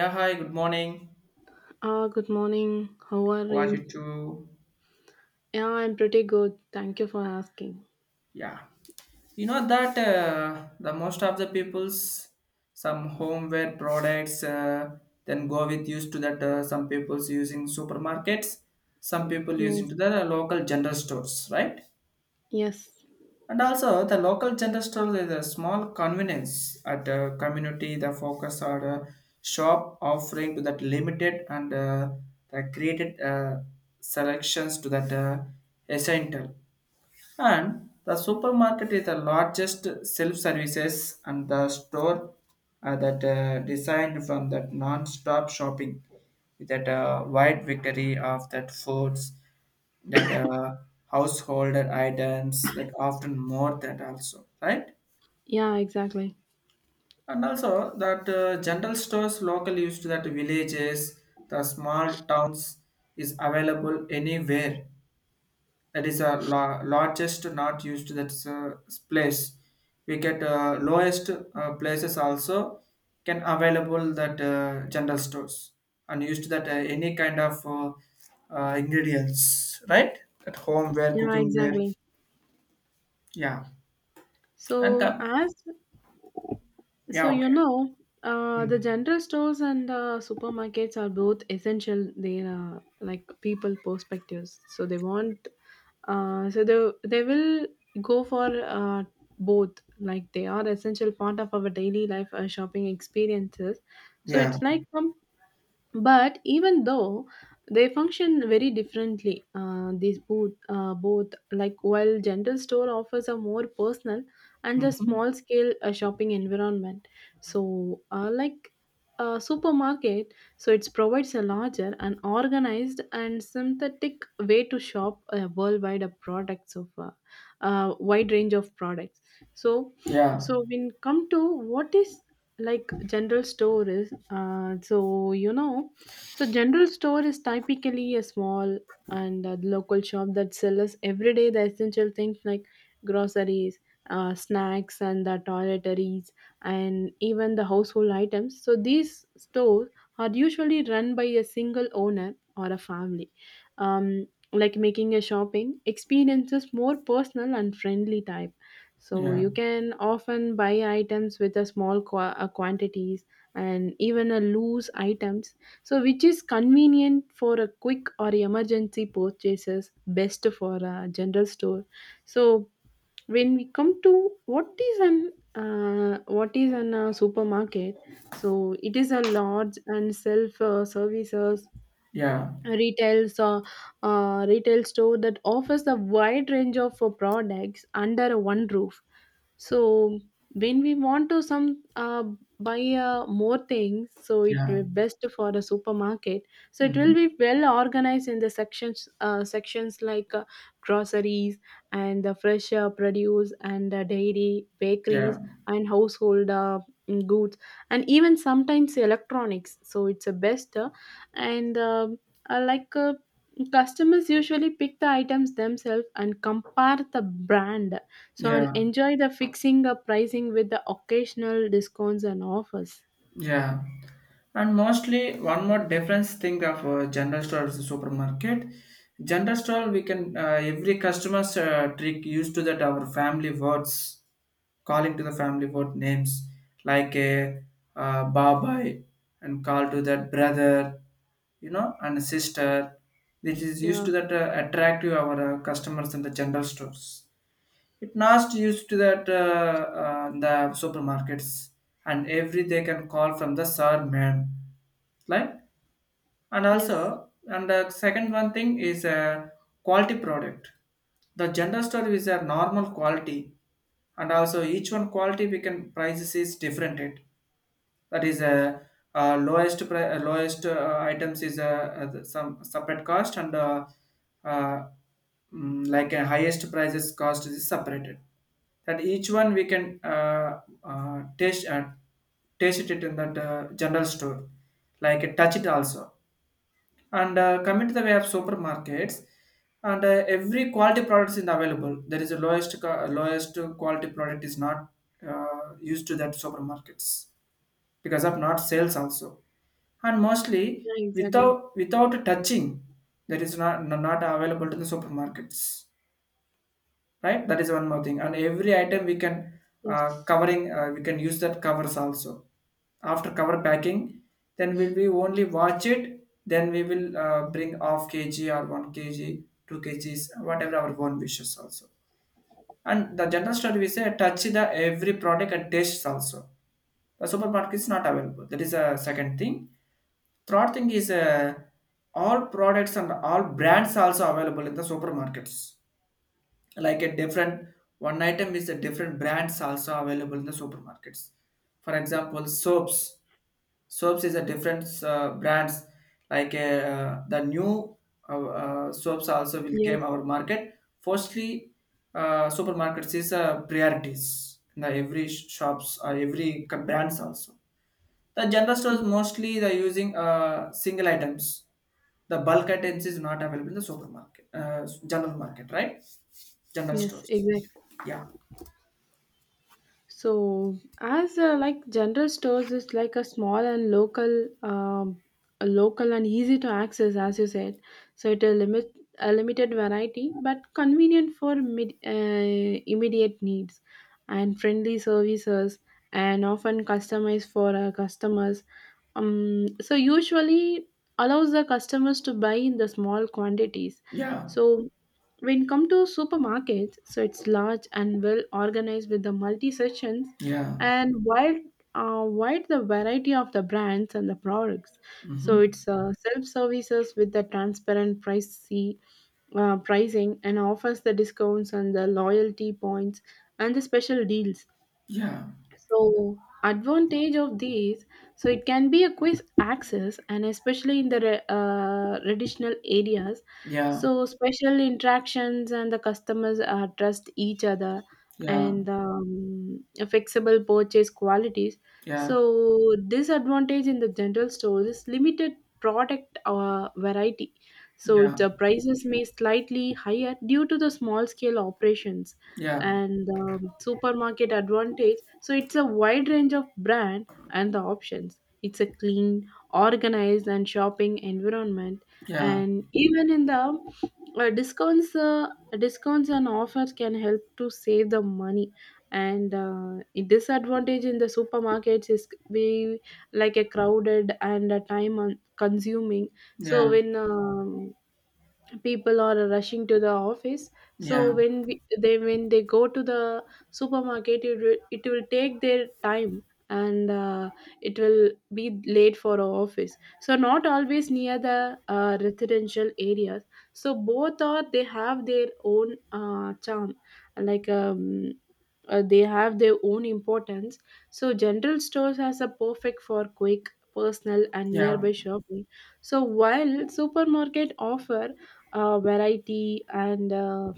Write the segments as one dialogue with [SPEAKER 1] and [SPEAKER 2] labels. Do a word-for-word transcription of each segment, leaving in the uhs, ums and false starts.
[SPEAKER 1] Yeah, hi, good morning.
[SPEAKER 2] Ah, good morning. How are
[SPEAKER 1] How are you
[SPEAKER 2] you?
[SPEAKER 1] too?
[SPEAKER 2] Yeah, I'm pretty good. Thank you for asking.
[SPEAKER 1] Yeah. You know that uh, the most of the people's some homeware products uh, then go with used to that uh, some people's using supermarkets, some people using
[SPEAKER 2] Yes,
[SPEAKER 1] to the local general stores, right?
[SPEAKER 2] yes.
[SPEAKER 1] And also the local general store is a small convenience at the community. The focus on uh, shop offering to that limited and uh, the created uh, selections to that uh, essential. And the supermarket is the largest self-services and the store uh, that uh, designed from that non-stop shopping with that uh, wide victory of that foods, that uh, household items that often more that also, right?
[SPEAKER 2] Yeah, exactly.
[SPEAKER 1] And also that uh, general stores local used to that villages, the small towns is available anywhere, that is a la- largest not used, that's a place we get uh, lowest uh, places also, can available that uh, general stores and used that uh, any kind of uh, uh, ingredients right at home ware
[SPEAKER 2] Yeah,
[SPEAKER 1] cooking ware,
[SPEAKER 2] exactly.
[SPEAKER 1] yeah and
[SPEAKER 2] So,
[SPEAKER 1] that,
[SPEAKER 2] as so
[SPEAKER 1] yeah,
[SPEAKER 2] you
[SPEAKER 1] okay.
[SPEAKER 2] know, uh, The
[SPEAKER 1] Mm.
[SPEAKER 2] general stores and uh, supermarkets are both essential. They are like people perspectives. So they want, uh, so they they will go for uh, both. Like they are essential part of our daily life uh, shopping experiences. So
[SPEAKER 1] Yeah.
[SPEAKER 2] it's like some but even though they function very differently, uh, these both uh, both like while general store offers a more personal and a
[SPEAKER 1] Hmm.
[SPEAKER 2] small scale uh, shopping environment, so uh, like a supermarket, so it provides a larger and organized and synthetic way to shop a worldwide of products of a uh, uh, wide range of products. So
[SPEAKER 1] Yeah,
[SPEAKER 2] so when come to what is like, general store is uh, so you know so general store is typically a small and uh, local shop that sells everyday the essential things like groceries, uh, snacks and the toiletries and even the household items. So these stores are usually run by a single owner or a family, um, like making a shopping experiences more personal and friendly type. So
[SPEAKER 1] yeah,
[SPEAKER 2] you can often buy items with a small qua- uh, quantities and even a loose items. So which is convenient for a quick or emergency purchases, best for a general store. So when we come to what is an uh, what is an uh, supermarket? So it is a large and self uh, services
[SPEAKER 1] yeah,
[SPEAKER 2] retails uh, uh, retail store that offers a wide range of uh, products under one roof. So when we want to some uh, buy uh, more things, so it
[SPEAKER 1] yeah.
[SPEAKER 2] will best for a supermarket. So it
[SPEAKER 1] Hmm.
[SPEAKER 2] will be well organized in the sections, uh, sections like uh, groceries and the fresh uh, produce and uh, dairy
[SPEAKER 1] Yeah,
[SPEAKER 2] bakeries and household uh, goods and even sometimes electronics. So it's a best uh, and um uh, like uh, customers usually pick the items themselves and compare the brand, so and
[SPEAKER 1] yeah,
[SPEAKER 2] enjoy the fixing the pricing with the occasional discounts and offers.
[SPEAKER 1] yeah. And mostly, one more difference thing of uh, general store versus supermarket. General store, we can uh, every customer's uh, trick used to that our family words, calling to the family word names like a uh, uh, babai and call to that brother, you know, and sister. This is used
[SPEAKER 2] Yeah.
[SPEAKER 1] to that uh, attract to our uh, customers in the general stores. It not used to that uh, uh, the supermarkets, and every they can call from the sir ma'am like. And
[SPEAKER 2] Yes.
[SPEAKER 1] also, and the second one thing is a quality product, the general store is a normal quality, and also each one quality we can prices is different it, that is a uh, uh, lowest pri- uh, lowest uh, items is uh, uh, some separate cost and uh, uh, mm, like a highest prices cost is separated, that each one we can uh, uh, taste uh, taste it in that uh, general store, like uh, touch it also. And uh, coming to the way of supermarkets, and uh, every quality products is available, there is a lowest co- lowest quality product is not uh, used to that supermarkets because of not sales also. And mostly
[SPEAKER 2] Yeah, exactly.
[SPEAKER 1] without without touching, that is not not available to the supermarkets, right? That is one more thing. And every item we can uh,
[SPEAKER 2] Yes.
[SPEAKER 1] covering, uh, we can use that covers also, after cover packing then will we only watch it, then we will uh, bring off kg or one kilogram two kgs whatever our own wishes also. And the general store we say touch the every product and tastes also, the supermarket is not available, that is a second thing. Third thing is uh, all products and all brands also available in the supermarkets. Like a different one item is a different brands also available in the supermarkets. For example, soaps. Soaps is a different uh, brands. Like uh, the new uh, uh, soaps also will came
[SPEAKER 2] Yes.
[SPEAKER 1] our market. Firstly, uh, supermarkets is uh, priorities in the every shops or every co- brands also, the general stores
[SPEAKER 2] Mm,
[SPEAKER 1] mostly they're using uh, single items. The bulk items is not available in the supermarket, uh, general market, right? General
[SPEAKER 2] yes,
[SPEAKER 1] stores.
[SPEAKER 2] exactly.
[SPEAKER 1] Yeah,
[SPEAKER 2] So, as uh, like general stores is like a small and local, um, a local and easy to access, as you said. So it will limit a limited variety, but convenient for mid, uh, immediate needs, and friendly services, and often customized for our customers. Um, so usually allows the customers to buy in the small quantities.
[SPEAKER 1] yeah,
[SPEAKER 2] So when come to supermarkets, so it's large and well organized with the multi sections
[SPEAKER 1] yeah.
[SPEAKER 2] and wide uh, wide the variety of the brands and the products. So
[SPEAKER 1] Mm-hmm.
[SPEAKER 2] it's uh, self services with the transparent pricey, uh, pricing and offers the discounts and the loyalty points and the special deals.
[SPEAKER 1] Yeah,
[SPEAKER 2] So advantage of these, so it can be a quick access, and especially in the re- uh, traditional areas.
[SPEAKER 1] yeah,
[SPEAKER 2] So special interactions and the customers uh, trust each other
[SPEAKER 1] yeah,
[SPEAKER 2] and um, a flexible purchase qualities.
[SPEAKER 1] yeah,
[SPEAKER 2] So disadvantage in the general stores is limited product uh, variety. So
[SPEAKER 1] yeah,
[SPEAKER 2] the prices may slightly higher due to the small scale operations,
[SPEAKER 1] yeah,
[SPEAKER 2] and the supermarket advantage, so it's a wide range of brand and the options. It's a clean organized and shopping environment,
[SPEAKER 1] yeah,
[SPEAKER 2] and even in the uh, discounts uh, discounts and offers can help to save the money. And uh, a disadvantage in the supermarkets is be like a crowded and a time un- consuming. So
[SPEAKER 1] yeah,
[SPEAKER 2] when um, people are rushing to the office,
[SPEAKER 1] yeah, yeah,
[SPEAKER 2] so when we, they when they go to the supermarket, it will, it will take their time, and uh, it will be late for our office. So not always near the uh, residential areas. So both are they have their own uh, charm, like um, uh, they have their own importance. So general stores has a perfect for quick personal and
[SPEAKER 1] yeah,
[SPEAKER 2] nearby shopping. So while supermarket offer uh, variety and uh,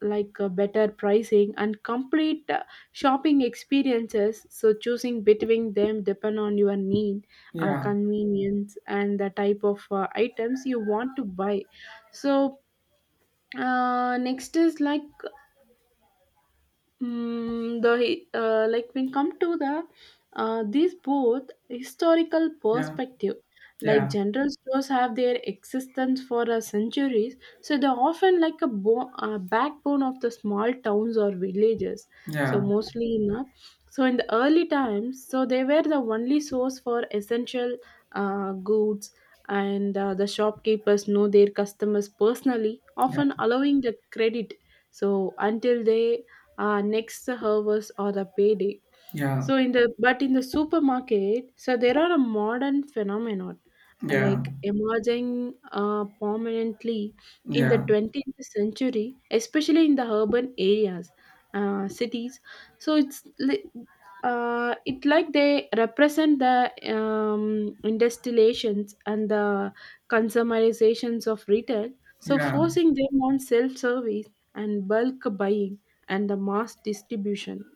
[SPEAKER 2] like uh, better pricing and complete uh, shopping experiences. So choosing between them depend on your need,
[SPEAKER 1] yeah, yeah,
[SPEAKER 2] uh,
[SPEAKER 1] yeah,
[SPEAKER 2] convenience and the type of uh, items you want to buy. So uh, next is like, Mm, the hi- uh, like when come to the uh, these both historical perspective. Like general stores have their existence for uh, centuries, so they're often like a bo- uh, backbone of the small towns or villages. So mostly in uh, so in the early times, so they were the only source for essential uh, goods, and uh, the shopkeepers know their customers personally, often allowing the credit, so until they uh, next hours or the payday.
[SPEAKER 1] yeah,
[SPEAKER 2] So in the, but in the supermarket, so there are a modern phenomenon,
[SPEAKER 1] yeah,
[SPEAKER 2] uh,
[SPEAKER 1] yeah,
[SPEAKER 2] like emerging uh, prominently in the
[SPEAKER 1] yeah,
[SPEAKER 2] twentieth century, especially in the urban areas, uh, cities. So it's li- uh, it like they represent the um, industrializations and the consumerizations of retail, so
[SPEAKER 1] yeah.
[SPEAKER 2] forcing them on self-service and bulk buying and the mass distribution.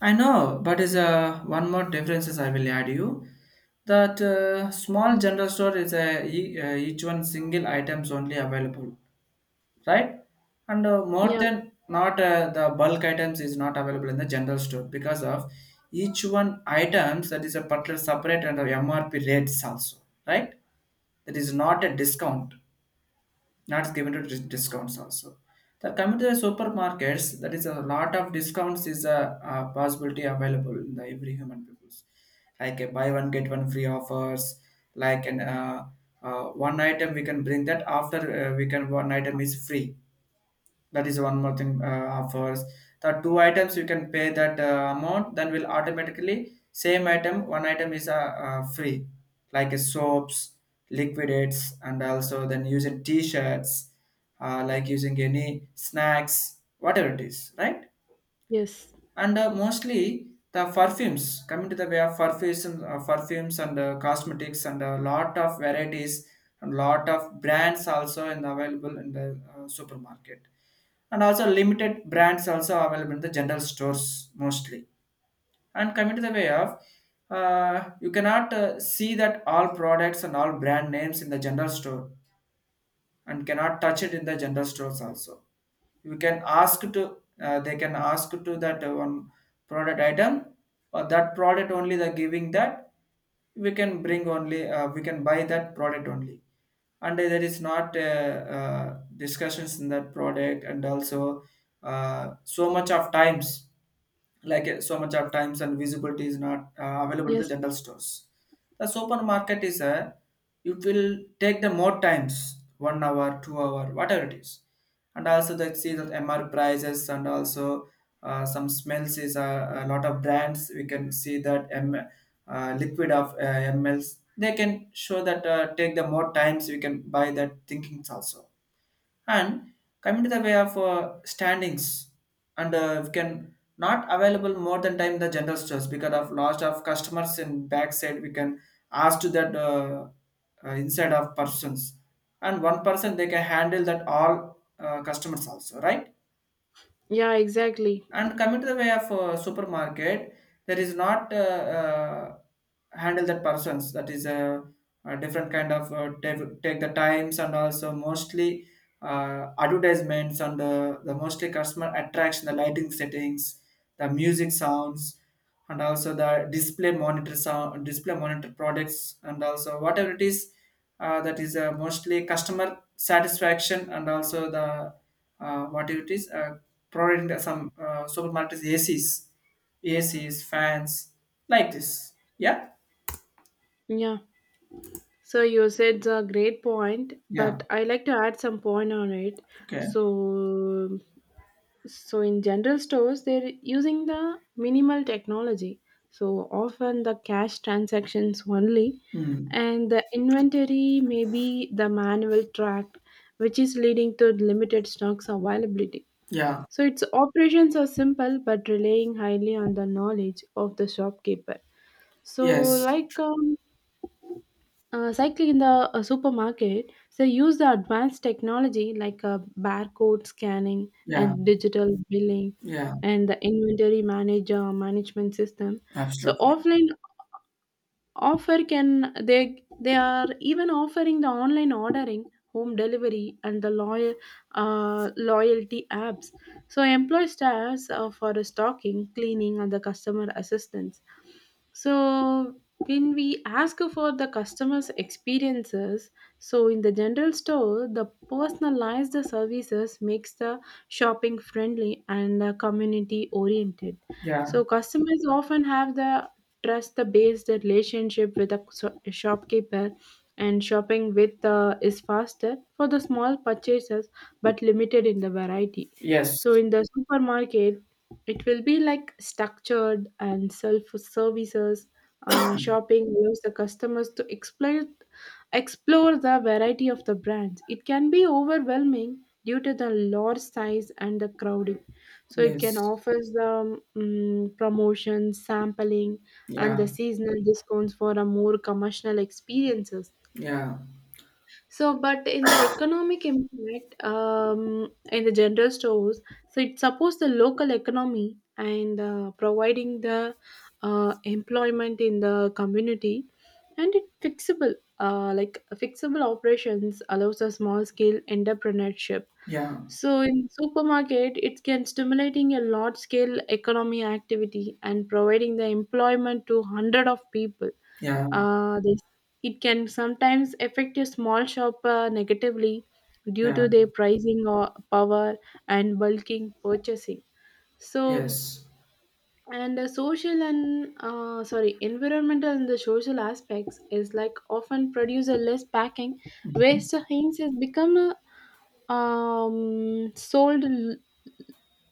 [SPEAKER 1] I know, but is uh, one more differences I will add you, that uh, small general store is a e- uh, each one single items only available, right? And uh, more
[SPEAKER 2] Yeah,
[SPEAKER 1] than not uh, the bulk items is not available in the general store because of each one items, that is a particular separate and the M R P rates also, right? That is not a discount. That's given to dis- discounts also. The coming to the supermarkets, that is a lot of discounts is a, a possibility available in the every human peoples. Like a buy one get one free offers, like an uh, uh, one item we can bring that, after uh, we can one item is free, that is one more thing uh, of the two items you can pay that uh, amount, then will automatically same item one item is uh, uh, free, like uh, soaps liquidates and also then using t-shirts, uh, like using any snacks whatever it is, right?
[SPEAKER 2] yes,
[SPEAKER 1] And uh, mostly the perfumes, coming to the way of perfumes and uh, perfumes and uh, cosmetics, and a lot of varieties and lot of brands also in available in the uh, supermarket, and also limited brands also available in the general stores mostly. And coming to the way of uh, you cannot uh, see that all products and all brand names in the general store, and cannot touch it in the general stores also. You can ask to uh, they can ask to that uh, one product item, or that product only they're giving that, we can bring only, uh, we can buy that product only, and there is not uh, uh, discussions in that product and also uh, so much of times, like uh, so much of times, and visibility is not uh, available in the
[SPEAKER 2] yes,
[SPEAKER 1] general stores. The supermarket is a, it will take the more times, one hour, two hour, whatever it is, and also they see that M R prices and also uh, some smells is a, a lot of brands we can see that M, uh, liquid of uh, mls, they can show that uh, take the more times we can buy that thinkings also. And coming to the way of uh, standings, and uh, we can not available more than time the general stores because of loss of customers in backside. We can ask to that uh, uh, inside of persons, and one person they can handle that all uh, customers also, right?
[SPEAKER 2] yeah, exactly.
[SPEAKER 1] And coming to the way of uh, supermarket, there is not uh, uh, handle that persons. That is a, a different kind of uh, take, take the times, and also mostly uh, advertisements and uh, the mostly customer attraction, the lighting settings, the music sounds, and also the display monitor sound, display monitor products, and also whatever it is. Uh, that is uh, mostly customer satisfaction, and also the uh, what it is uh, providing the- some uh, supermarkets A Cs, A Cs, fans like this. Yeah,
[SPEAKER 2] Yeah. So you said a great point,
[SPEAKER 1] yeah,
[SPEAKER 2] but I like to add some point on it.
[SPEAKER 1] okay.
[SPEAKER 2] So so in general stores they're using the minimal technology, so often the cash transactions only,
[SPEAKER 1] Mm.
[SPEAKER 2] and the inventory may be the manual track, which is leading to limited stocks availability.
[SPEAKER 1] Yeah,
[SPEAKER 2] So its operations are simple but relying highly on the knowledge of the shopkeeper. So,
[SPEAKER 1] yes,
[SPEAKER 2] like um, uh, cycling in the uh, supermarket, they use the advanced technology like uh, barcode scanning
[SPEAKER 1] yeah,
[SPEAKER 2] and digital billing
[SPEAKER 1] yeah,
[SPEAKER 2] and the inventory manager management system. So,
[SPEAKER 1] absolutely,
[SPEAKER 2] offline offer can they they are even offering the online ordering, home delivery and the loyal uh, loyalty apps. So employee staffs uh, for the stocking, cleaning and the customer assistance. So when we ask for the customers experiences, so in the general store the personalized services makes the shopping friendly and community oriented.
[SPEAKER 1] yeah,
[SPEAKER 2] So customers often have the trust the based relationship with a so- shopkeeper, and shopping with uh, is faster for the small purchases, but limited in the variety. So
[SPEAKER 1] yes,
[SPEAKER 2] in the supermarket, it will be like structured and self services uh, shopping allows the customers to explore explore the variety of the brands. It can be overwhelming due to the large size and the crowding, so it can
[SPEAKER 1] yes,
[SPEAKER 2] offers the um, promotion sampling and
[SPEAKER 1] yeah,
[SPEAKER 2] the seasonal discounts for a more commercial experiences.
[SPEAKER 1] yeah,
[SPEAKER 2] So, but in the economic impact, um, in the general stores, so it supports the local economy and uh, providing the uh, employment in the community, and it fixable uh, like fixable operations allows a small scale entrepreneurship.
[SPEAKER 1] yeah,
[SPEAKER 2] So in supermarket, it can stimulating a large scale economy activity and providing the employment to hundred of people.
[SPEAKER 1] yeah,
[SPEAKER 2] Uh, this, it can sometimes affect a small shopper negatively due
[SPEAKER 1] yeah,
[SPEAKER 2] to their pricing or power and bulking purchasing. So
[SPEAKER 1] yes.
[SPEAKER 2] and the social and uh, sorry, environmental and the social aspects is like often produce a less packing
[SPEAKER 1] Hmm.
[SPEAKER 2] waste, hence has become a um, sold l-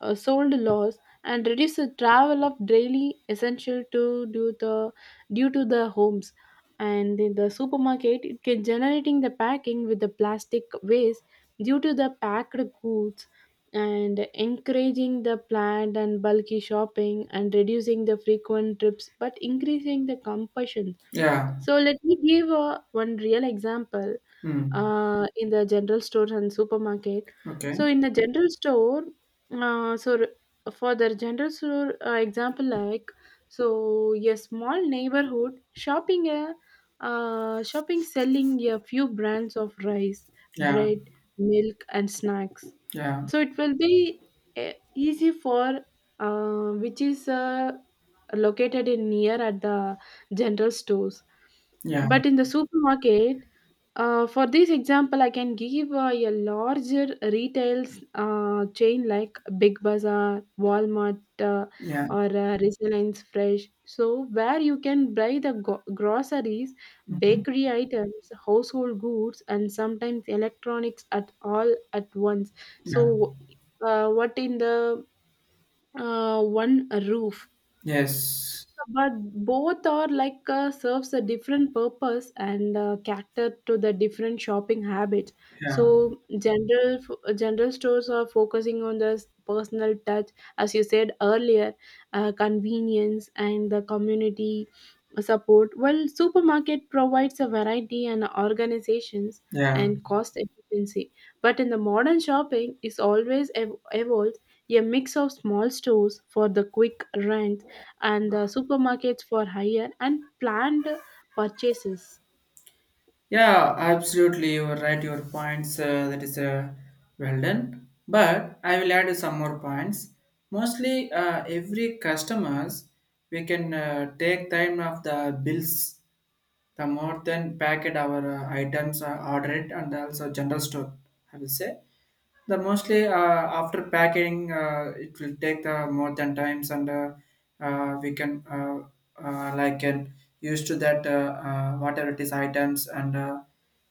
[SPEAKER 2] uh, sold loss and reduce the travel of daily essential to do the due to the homes. And in the supermarket it can generating the packing with the plastic waste due to the packed goods, and encouraging the planned and bulky shopping and reducing the frequent trips but increasing the compulsion.
[SPEAKER 1] Yeah.
[SPEAKER 2] So let me give uh, one real example
[SPEAKER 1] Mm.
[SPEAKER 2] uh, in the general store and supermarket.
[SPEAKER 1] Okay,
[SPEAKER 2] So in the general store, uh, so r- for the general store uh, example, like so a small neighborhood shopping a uh, shopping selling a few brands of rice,
[SPEAKER 1] yeah,
[SPEAKER 2] bread, milk, and snacks.
[SPEAKER 1] yeah,
[SPEAKER 2] So it will be uh, easy for uh, which is uh, located in near at the general stores.
[SPEAKER 1] yeah,
[SPEAKER 2] But in the supermarket, uh, for this example, I can give uh, a larger retails uh, chain like Big Bazaar, Walmart, uh,
[SPEAKER 1] yeah.
[SPEAKER 2] or uh, Resilience Fresh. So, where you can buy the go- groceries,
[SPEAKER 1] Hmm.
[SPEAKER 2] bakery items, household goods, and sometimes electronics, at all at once.
[SPEAKER 1] Yeah,
[SPEAKER 2] So, uh, what in the uh, one roof?
[SPEAKER 1] yes,
[SPEAKER 2] But both are like uh, serves a different purpose and uh, cater to the different shopping habits.
[SPEAKER 1] yeah,
[SPEAKER 2] So general general stores are focusing on the s- personal touch, as you said earlier, uh, convenience and the community support, while supermarket provides a variety and organizations
[SPEAKER 1] yeah.
[SPEAKER 2] and cost efficiency. But in the modern shopping, is always ev- evolved a mix of small stores for the quick rent and the supermarkets for higher and planned purchases.
[SPEAKER 1] Yeah, absolutely. You are right. Your points uh, that is uh, well done. But I will add some more points. Mostly, uh, every customers we can uh, take time of the bills, the more than packet our uh, items are ordered, and also general store. I will say. The mostly uh, after packing, uh, it will take the more than times, and uh, uh, we can uh, uh, like can used to that uh, uh, whatever it is items, and uh,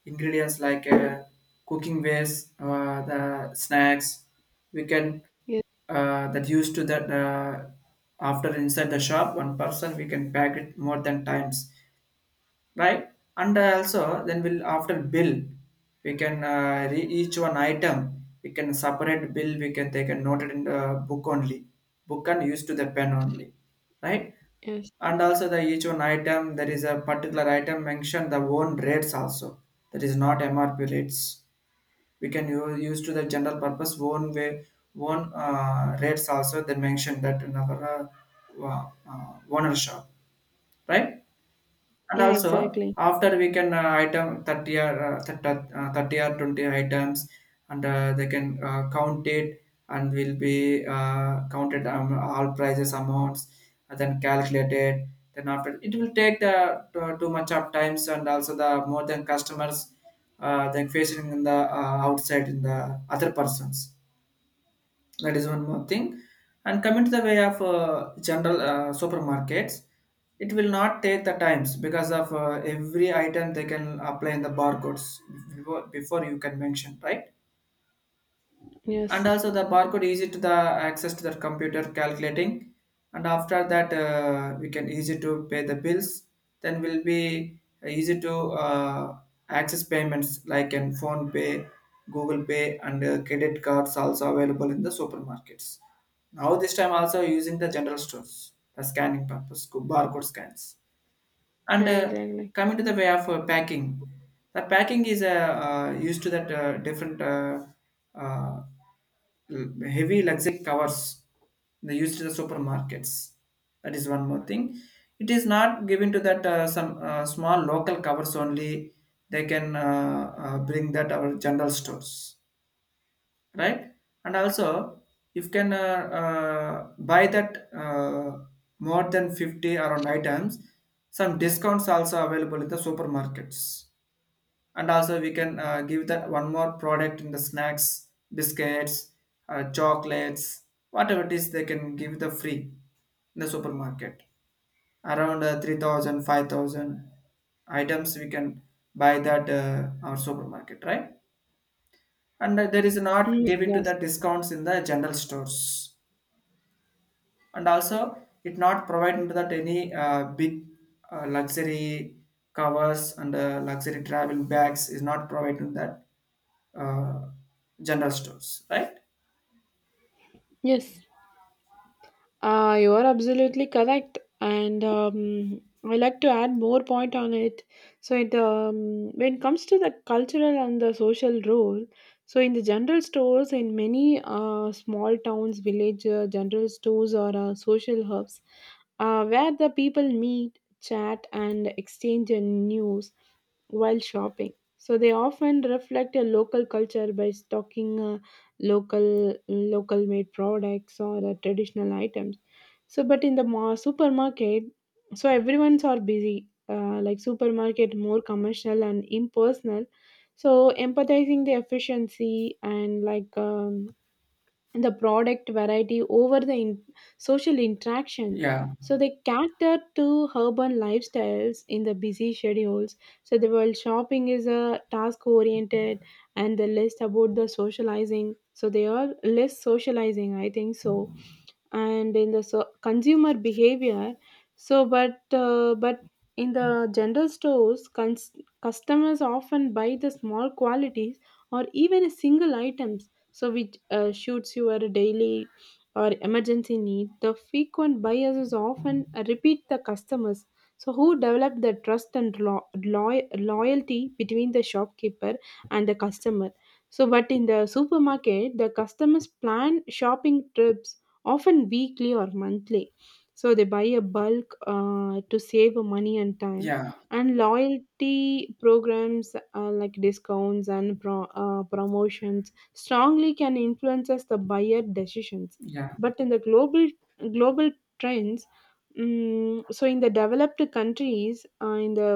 [SPEAKER 1] ingredients like uh, cooking waste, uh, the snacks. We can
[SPEAKER 2] Yes.
[SPEAKER 1] uh, that used to that uh, after inside the shop, one person we can pack it more than times, right? And uh, also then we'll after bill, we can uh, re- each one item we can separate bill. We can take a note it in the book only, book and use to the pen only, right?
[SPEAKER 2] Yes.
[SPEAKER 1] And also the each one item there is a particular item mentioned the own rates also, that is not M R P rates. We can u- use to the general purpose own way, own uh, rates also they mentioned that in our uh, uh, uh, owner shop, right? And
[SPEAKER 2] Yeah.
[SPEAKER 1] also
[SPEAKER 2] Exactly.
[SPEAKER 1] after we can uh, item thirty or uh, thirty uh, thirty or twenty items, and uh, they can uh, count it and will be uh, counted, um, all prices amounts and then calculated, then after it will take the too, too much of times, and also the more than customers uh, than facing in the uh, outside in the other persons, that is one more thing. And coming to the way of uh, general uh, supermarkets, it will not take the times because of uh, every item they can apply in the barcodes before, before you can mention, right? And
[SPEAKER 2] Yes.
[SPEAKER 1] also the barcode easy to the access to the computer calculating, and after that uh, we can easy to pay the bills, then will be easy to uh, access payments like in phone pay, google pay, and uh, credit cards also available in the supermarkets. Now this time also using the general stores the scanning purpose barcode scans, and
[SPEAKER 2] Yeah.
[SPEAKER 1] uh,
[SPEAKER 2] Exactly.
[SPEAKER 1] coming to the way of uh, packing, the packing is uh, uh, used to that uh, different uh, uh, l- heavy luxury covers. They used to the supermarkets. That is one more thing. It is not given to that uh, some uh, small local covers only. They can uh, uh, bring that our general stores, right? And also, you can uh, uh, buy that uh, more than fifty around items, some discounts also available in the supermarkets. And also, we can uh, give that one more product in the snacks, biscuits, uh, chocolates, whatever it is, they can give the free in the supermarket. Around uh, three thousand, items we can buy that uh, our supermarket, right? And uh, there is not
[SPEAKER 2] Mhm.
[SPEAKER 1] given to the
[SPEAKER 2] Yes.
[SPEAKER 1] discounts in the general stores, and also it not providing to that any uh, big uh, luxury covers and uh, luxury travel bags is not providing that, uh, general stores, right?
[SPEAKER 2] Yes. Uh, you are absolutely correct, and um, I like to add more point on it. So, it um, when it comes to the cultural and the social role, so in the general stores in many uh, small towns, village uh, general stores or uh, social hubs, uh, where the people meet, chat, and exchange uh, news while shopping. So they often reflect a local culture by stocking uh, local local made products or uh, traditional items. So but in the ma- supermarket, so everyone's are busy, uh, like supermarket more commercial and impersonal, so empathizing the efficiency and like, um, the product variety over the in- social interaction.
[SPEAKER 1] Yeah,
[SPEAKER 2] So they cater to urban lifestyles in the busy schedules. So the world shopping is a task oriented and the less about the socializing. So they are less socializing, I think so. And in the so- consumer behavior, so but uh, but in the general stores cons- customers often buy the small qualities or even a single item, so which uh, shoots your daily or emergency need. The frequent buyers is often repeat the customers, so who develop the trust and lo- loy- loyalty between the shopkeeper and the customer. So but in the supermarket, the customers plan shopping trips often weekly or monthly, so they buy a bulk, uh, to save money and time.
[SPEAKER 1] yeah,
[SPEAKER 2] And loyalty programs, uh, like discounts and pro- uh, promotions strongly can influences the buyer decisions.
[SPEAKER 1] yeah,
[SPEAKER 2] But in the global global trends, mm so in the developed countries, uh, in the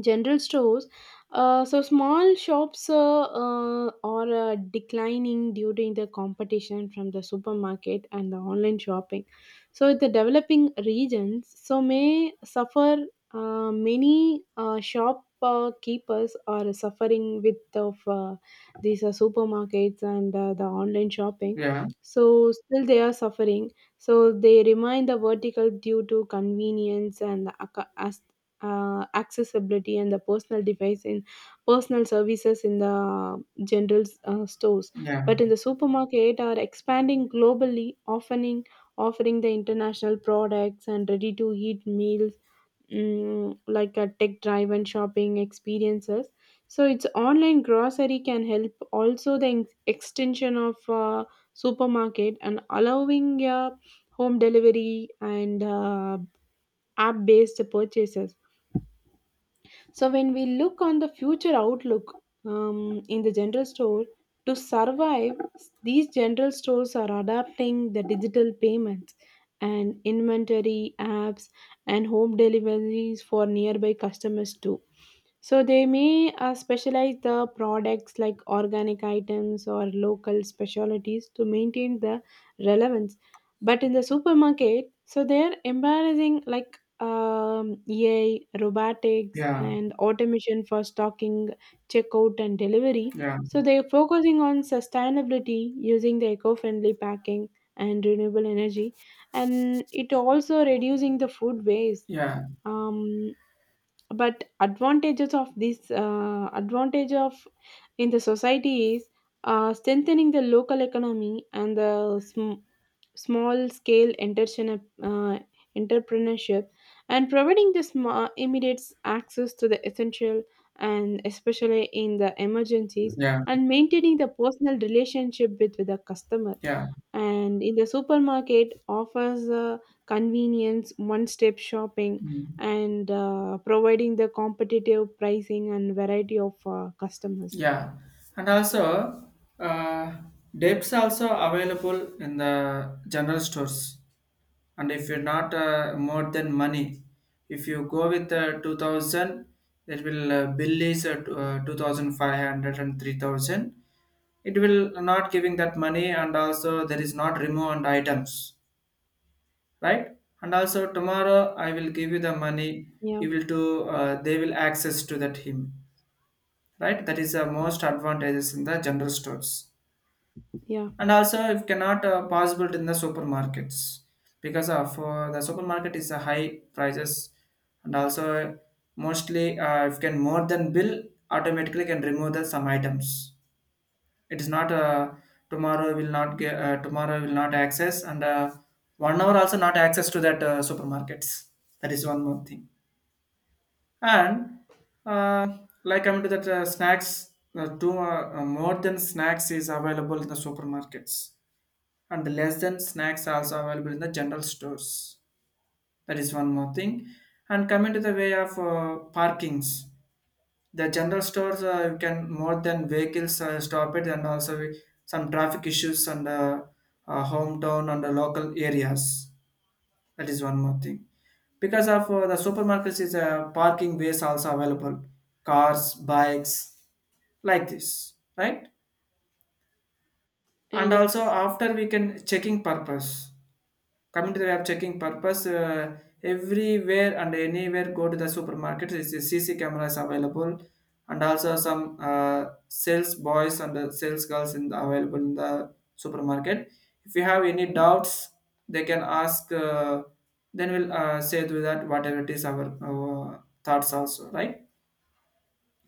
[SPEAKER 2] general stores, uh, so small shops uh, uh, are uh, declining due to the competition from the supermarket and the online shopping. So the developing regions so may suffer. Uh, many uh, shop uh, keepers are suffering with of uh, these uh, supermarkets and uh, the online shopping.
[SPEAKER 1] yeah,
[SPEAKER 2] So still they are suffering. So they remain the vertical due to convenience and ac- as uh, accessibility and the personal device in personal services in the general uh, stores.
[SPEAKER 1] yeah,
[SPEAKER 2] But in the supermarket are expanding globally, offering offering the international products and ready to eat meals, mm, like a tech driven shopping experiences. So its online grocery can help also the ex- extension of uh, supermarket, and allowing uh, home delivery and uh, app based purchases. So when we look on the future outlook, um, in the general store, to survive, these general stores are adapting the digital payments and inventory apps and home deliveries for nearby customers too. So they may uh, specialize the products like organic items or local specialties to maintain the relevance. But in the supermarket, so they're embarrassing like, um, A I, robotics,
[SPEAKER 1] yeah,
[SPEAKER 2] and automation for stocking, checkout, and delivery.
[SPEAKER 1] yeah,
[SPEAKER 2] So they're focusing on sustainability using the eco-friendly packing and renewable energy, and it also reducing the food waste.
[SPEAKER 1] yeah,
[SPEAKER 2] Um, but advantages of this uh, advantage of in the society is uh, strengthening the local economy and the sm- small scale entertain- uh, entrepreneurship, and providing this ma- immediate access to the essential, and especially in the emergencies,
[SPEAKER 1] yeah,
[SPEAKER 2] and maintaining the personal relationship with, with the customer.
[SPEAKER 1] yeah.
[SPEAKER 2] And in the supermarket offers, uh, convenience one step shopping,
[SPEAKER 1] Mm.
[SPEAKER 2] and uh, providing the competitive pricing and variety of uh, customers.
[SPEAKER 1] Yeah. And also uh, depths also available in the general stores, and if you're not uh, more than money, if you go with uh, two thousand, it will uh, bill is uh, t- uh, two thousand five hundred, it will not giving that money, and also there is not remove and items, right? And also tomorrow I will give you the money,
[SPEAKER 2] Yeah.
[SPEAKER 1] you will to, uh, they will access to that him, right? That is the most advantages in the general stores.
[SPEAKER 2] Yeah.
[SPEAKER 1] And also if cannot uh, possible in the supermarkets, because of uh, the supermarket is a high prices. And also mostly uh, if can more than bill, automatically can remove the some items. It is not uh, tomorrow will not get, uh, tomorrow will not access, and uh, one hour also not access to that uh, supermarkets. That is one more thing. And uh, like coming to that uh, snacks, uh, two uh, uh, more than snacks is available in the supermarkets, and the less than snacks also available in the general stores. That is one more thing. And coming to the way of uh, parkings, the general stores uh, you can more than vehicles uh, stop it, and also we- some traffic issues on the uh, hometown and the local areas. That is one more thing. Because of uh, the supermarkets is a uh, parking base also available, cars, bikes, like this, right?
[SPEAKER 2] Uh,
[SPEAKER 1] And also
[SPEAKER 2] yes.
[SPEAKER 1] after we can checking purpose. Coming to the app checking purpose, uh, everywhere and anywhere go to the supermarket, there is a C C cameras available, and also some uh, sales boys and uh, sales girls in the, available in the supermarket. If you have any doubts, they can ask. Uh, then we'll uh, say to that whatever it is our, our thoughts also, right?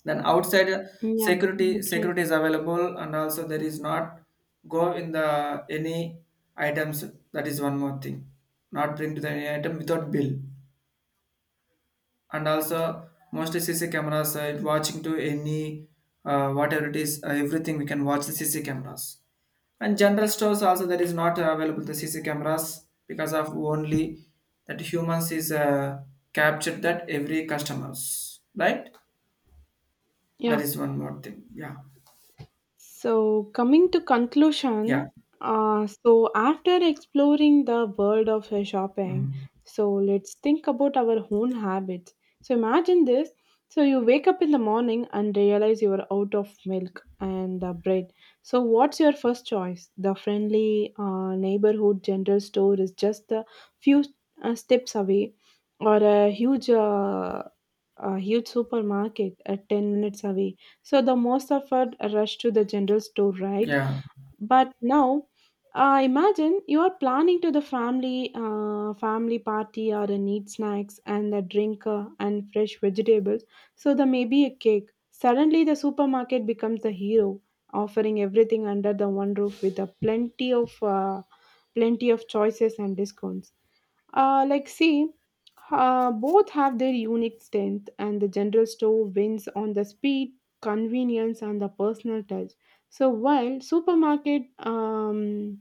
[SPEAKER 1] Then outside uh,
[SPEAKER 2] Yeah.
[SPEAKER 1] security
[SPEAKER 2] That's right.
[SPEAKER 1] security is available, and also there is not go in the any items. That is one more thing. Not bring to the any item without bill. And also mostly C C cameras uh, watching to any uh, whatever it is, uh, everything we can watch the C C cameras. And general stores also there is not available the C C cameras, because of only that humans is uh, captured that every customers, right? That
[SPEAKER 2] Yeah.
[SPEAKER 1] is one more thing. Yeah,
[SPEAKER 2] So coming to
[SPEAKER 1] yeah.
[SPEAKER 2] conclusion, uh, so after exploring the world of uh, shopping,
[SPEAKER 1] Mm.
[SPEAKER 2] so let's think about our own habits. So imagine this. So you wake up in the morning and realize you are out of milk and uh, bread. So what's your first choice? The friendly uh, neighborhood general store is just a few uh, steps away, or a huge uh, a huge supermarket at ten minutes away. So the most of us rush to the general store, right?
[SPEAKER 1] Yeah,
[SPEAKER 2] But now, uh, imagine you are planning to the family uh, family party or a neat snacks and a drink uh, and fresh vegetables. So there may be a cake. Suddenly, the supermarket becomes the hero, offering everything under the one roof with a plenty of uh, plenty of choices and discounts. Uh, like, see, uh, both have their unique strength, and the general store wins on the speed, convenience, and the personal touch. So, while supermarket, um,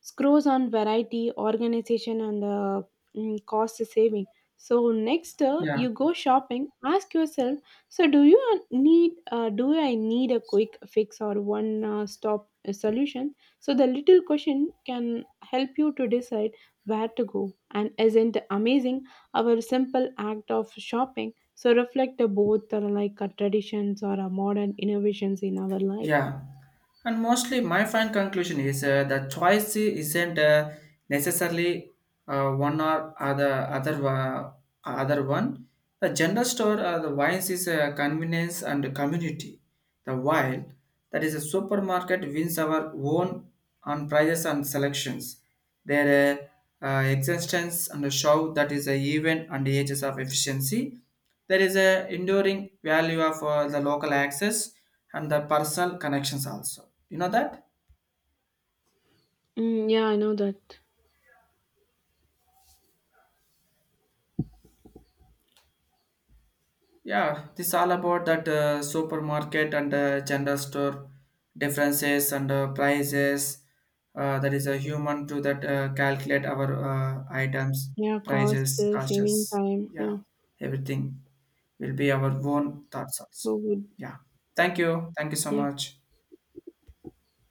[SPEAKER 2] screws on variety, organization, and uh, mm, cost saving. So next, uh,
[SPEAKER 1] yeah,
[SPEAKER 2] you go shopping. Ask yourself: so do you uh, need? Uh, do I need a quick fix or one uh, stop uh, solution? So the little question can help you to decide where to go. And isn't amazing our simple act of shopping? So reflect uh, both uh, like uh, traditions or uh, modern innovations in our life.
[SPEAKER 1] yeah. And mostly, my final conclusion is uh, the choice isn't uh, necessarily uh, one or other other uh, other one. The general store uh, the wines is uh, convenience and community. The while that is a supermarket wins our own on prices and selections. Their uh, uh, existence and the show that is a even and the ages of efficiency. There is a enduring value of uh, the local access and the personal connections also. You know that?
[SPEAKER 2] Mm, yeah, I know that.
[SPEAKER 1] Yeah, this all about that uh, supermarket and uh, general store differences and uh, prices. Uh, that is a human to that uh, calculate our uh, items,
[SPEAKER 2] Yeah, cost,
[SPEAKER 1] prices,
[SPEAKER 2] uh, saving
[SPEAKER 1] costs.
[SPEAKER 2] time.
[SPEAKER 1] Yeah,
[SPEAKER 2] Yeah,
[SPEAKER 1] everything will be our own thoughts also.
[SPEAKER 2] so good.
[SPEAKER 1] Yeah. Thank you. Thank you so
[SPEAKER 2] Yeah.
[SPEAKER 1] much.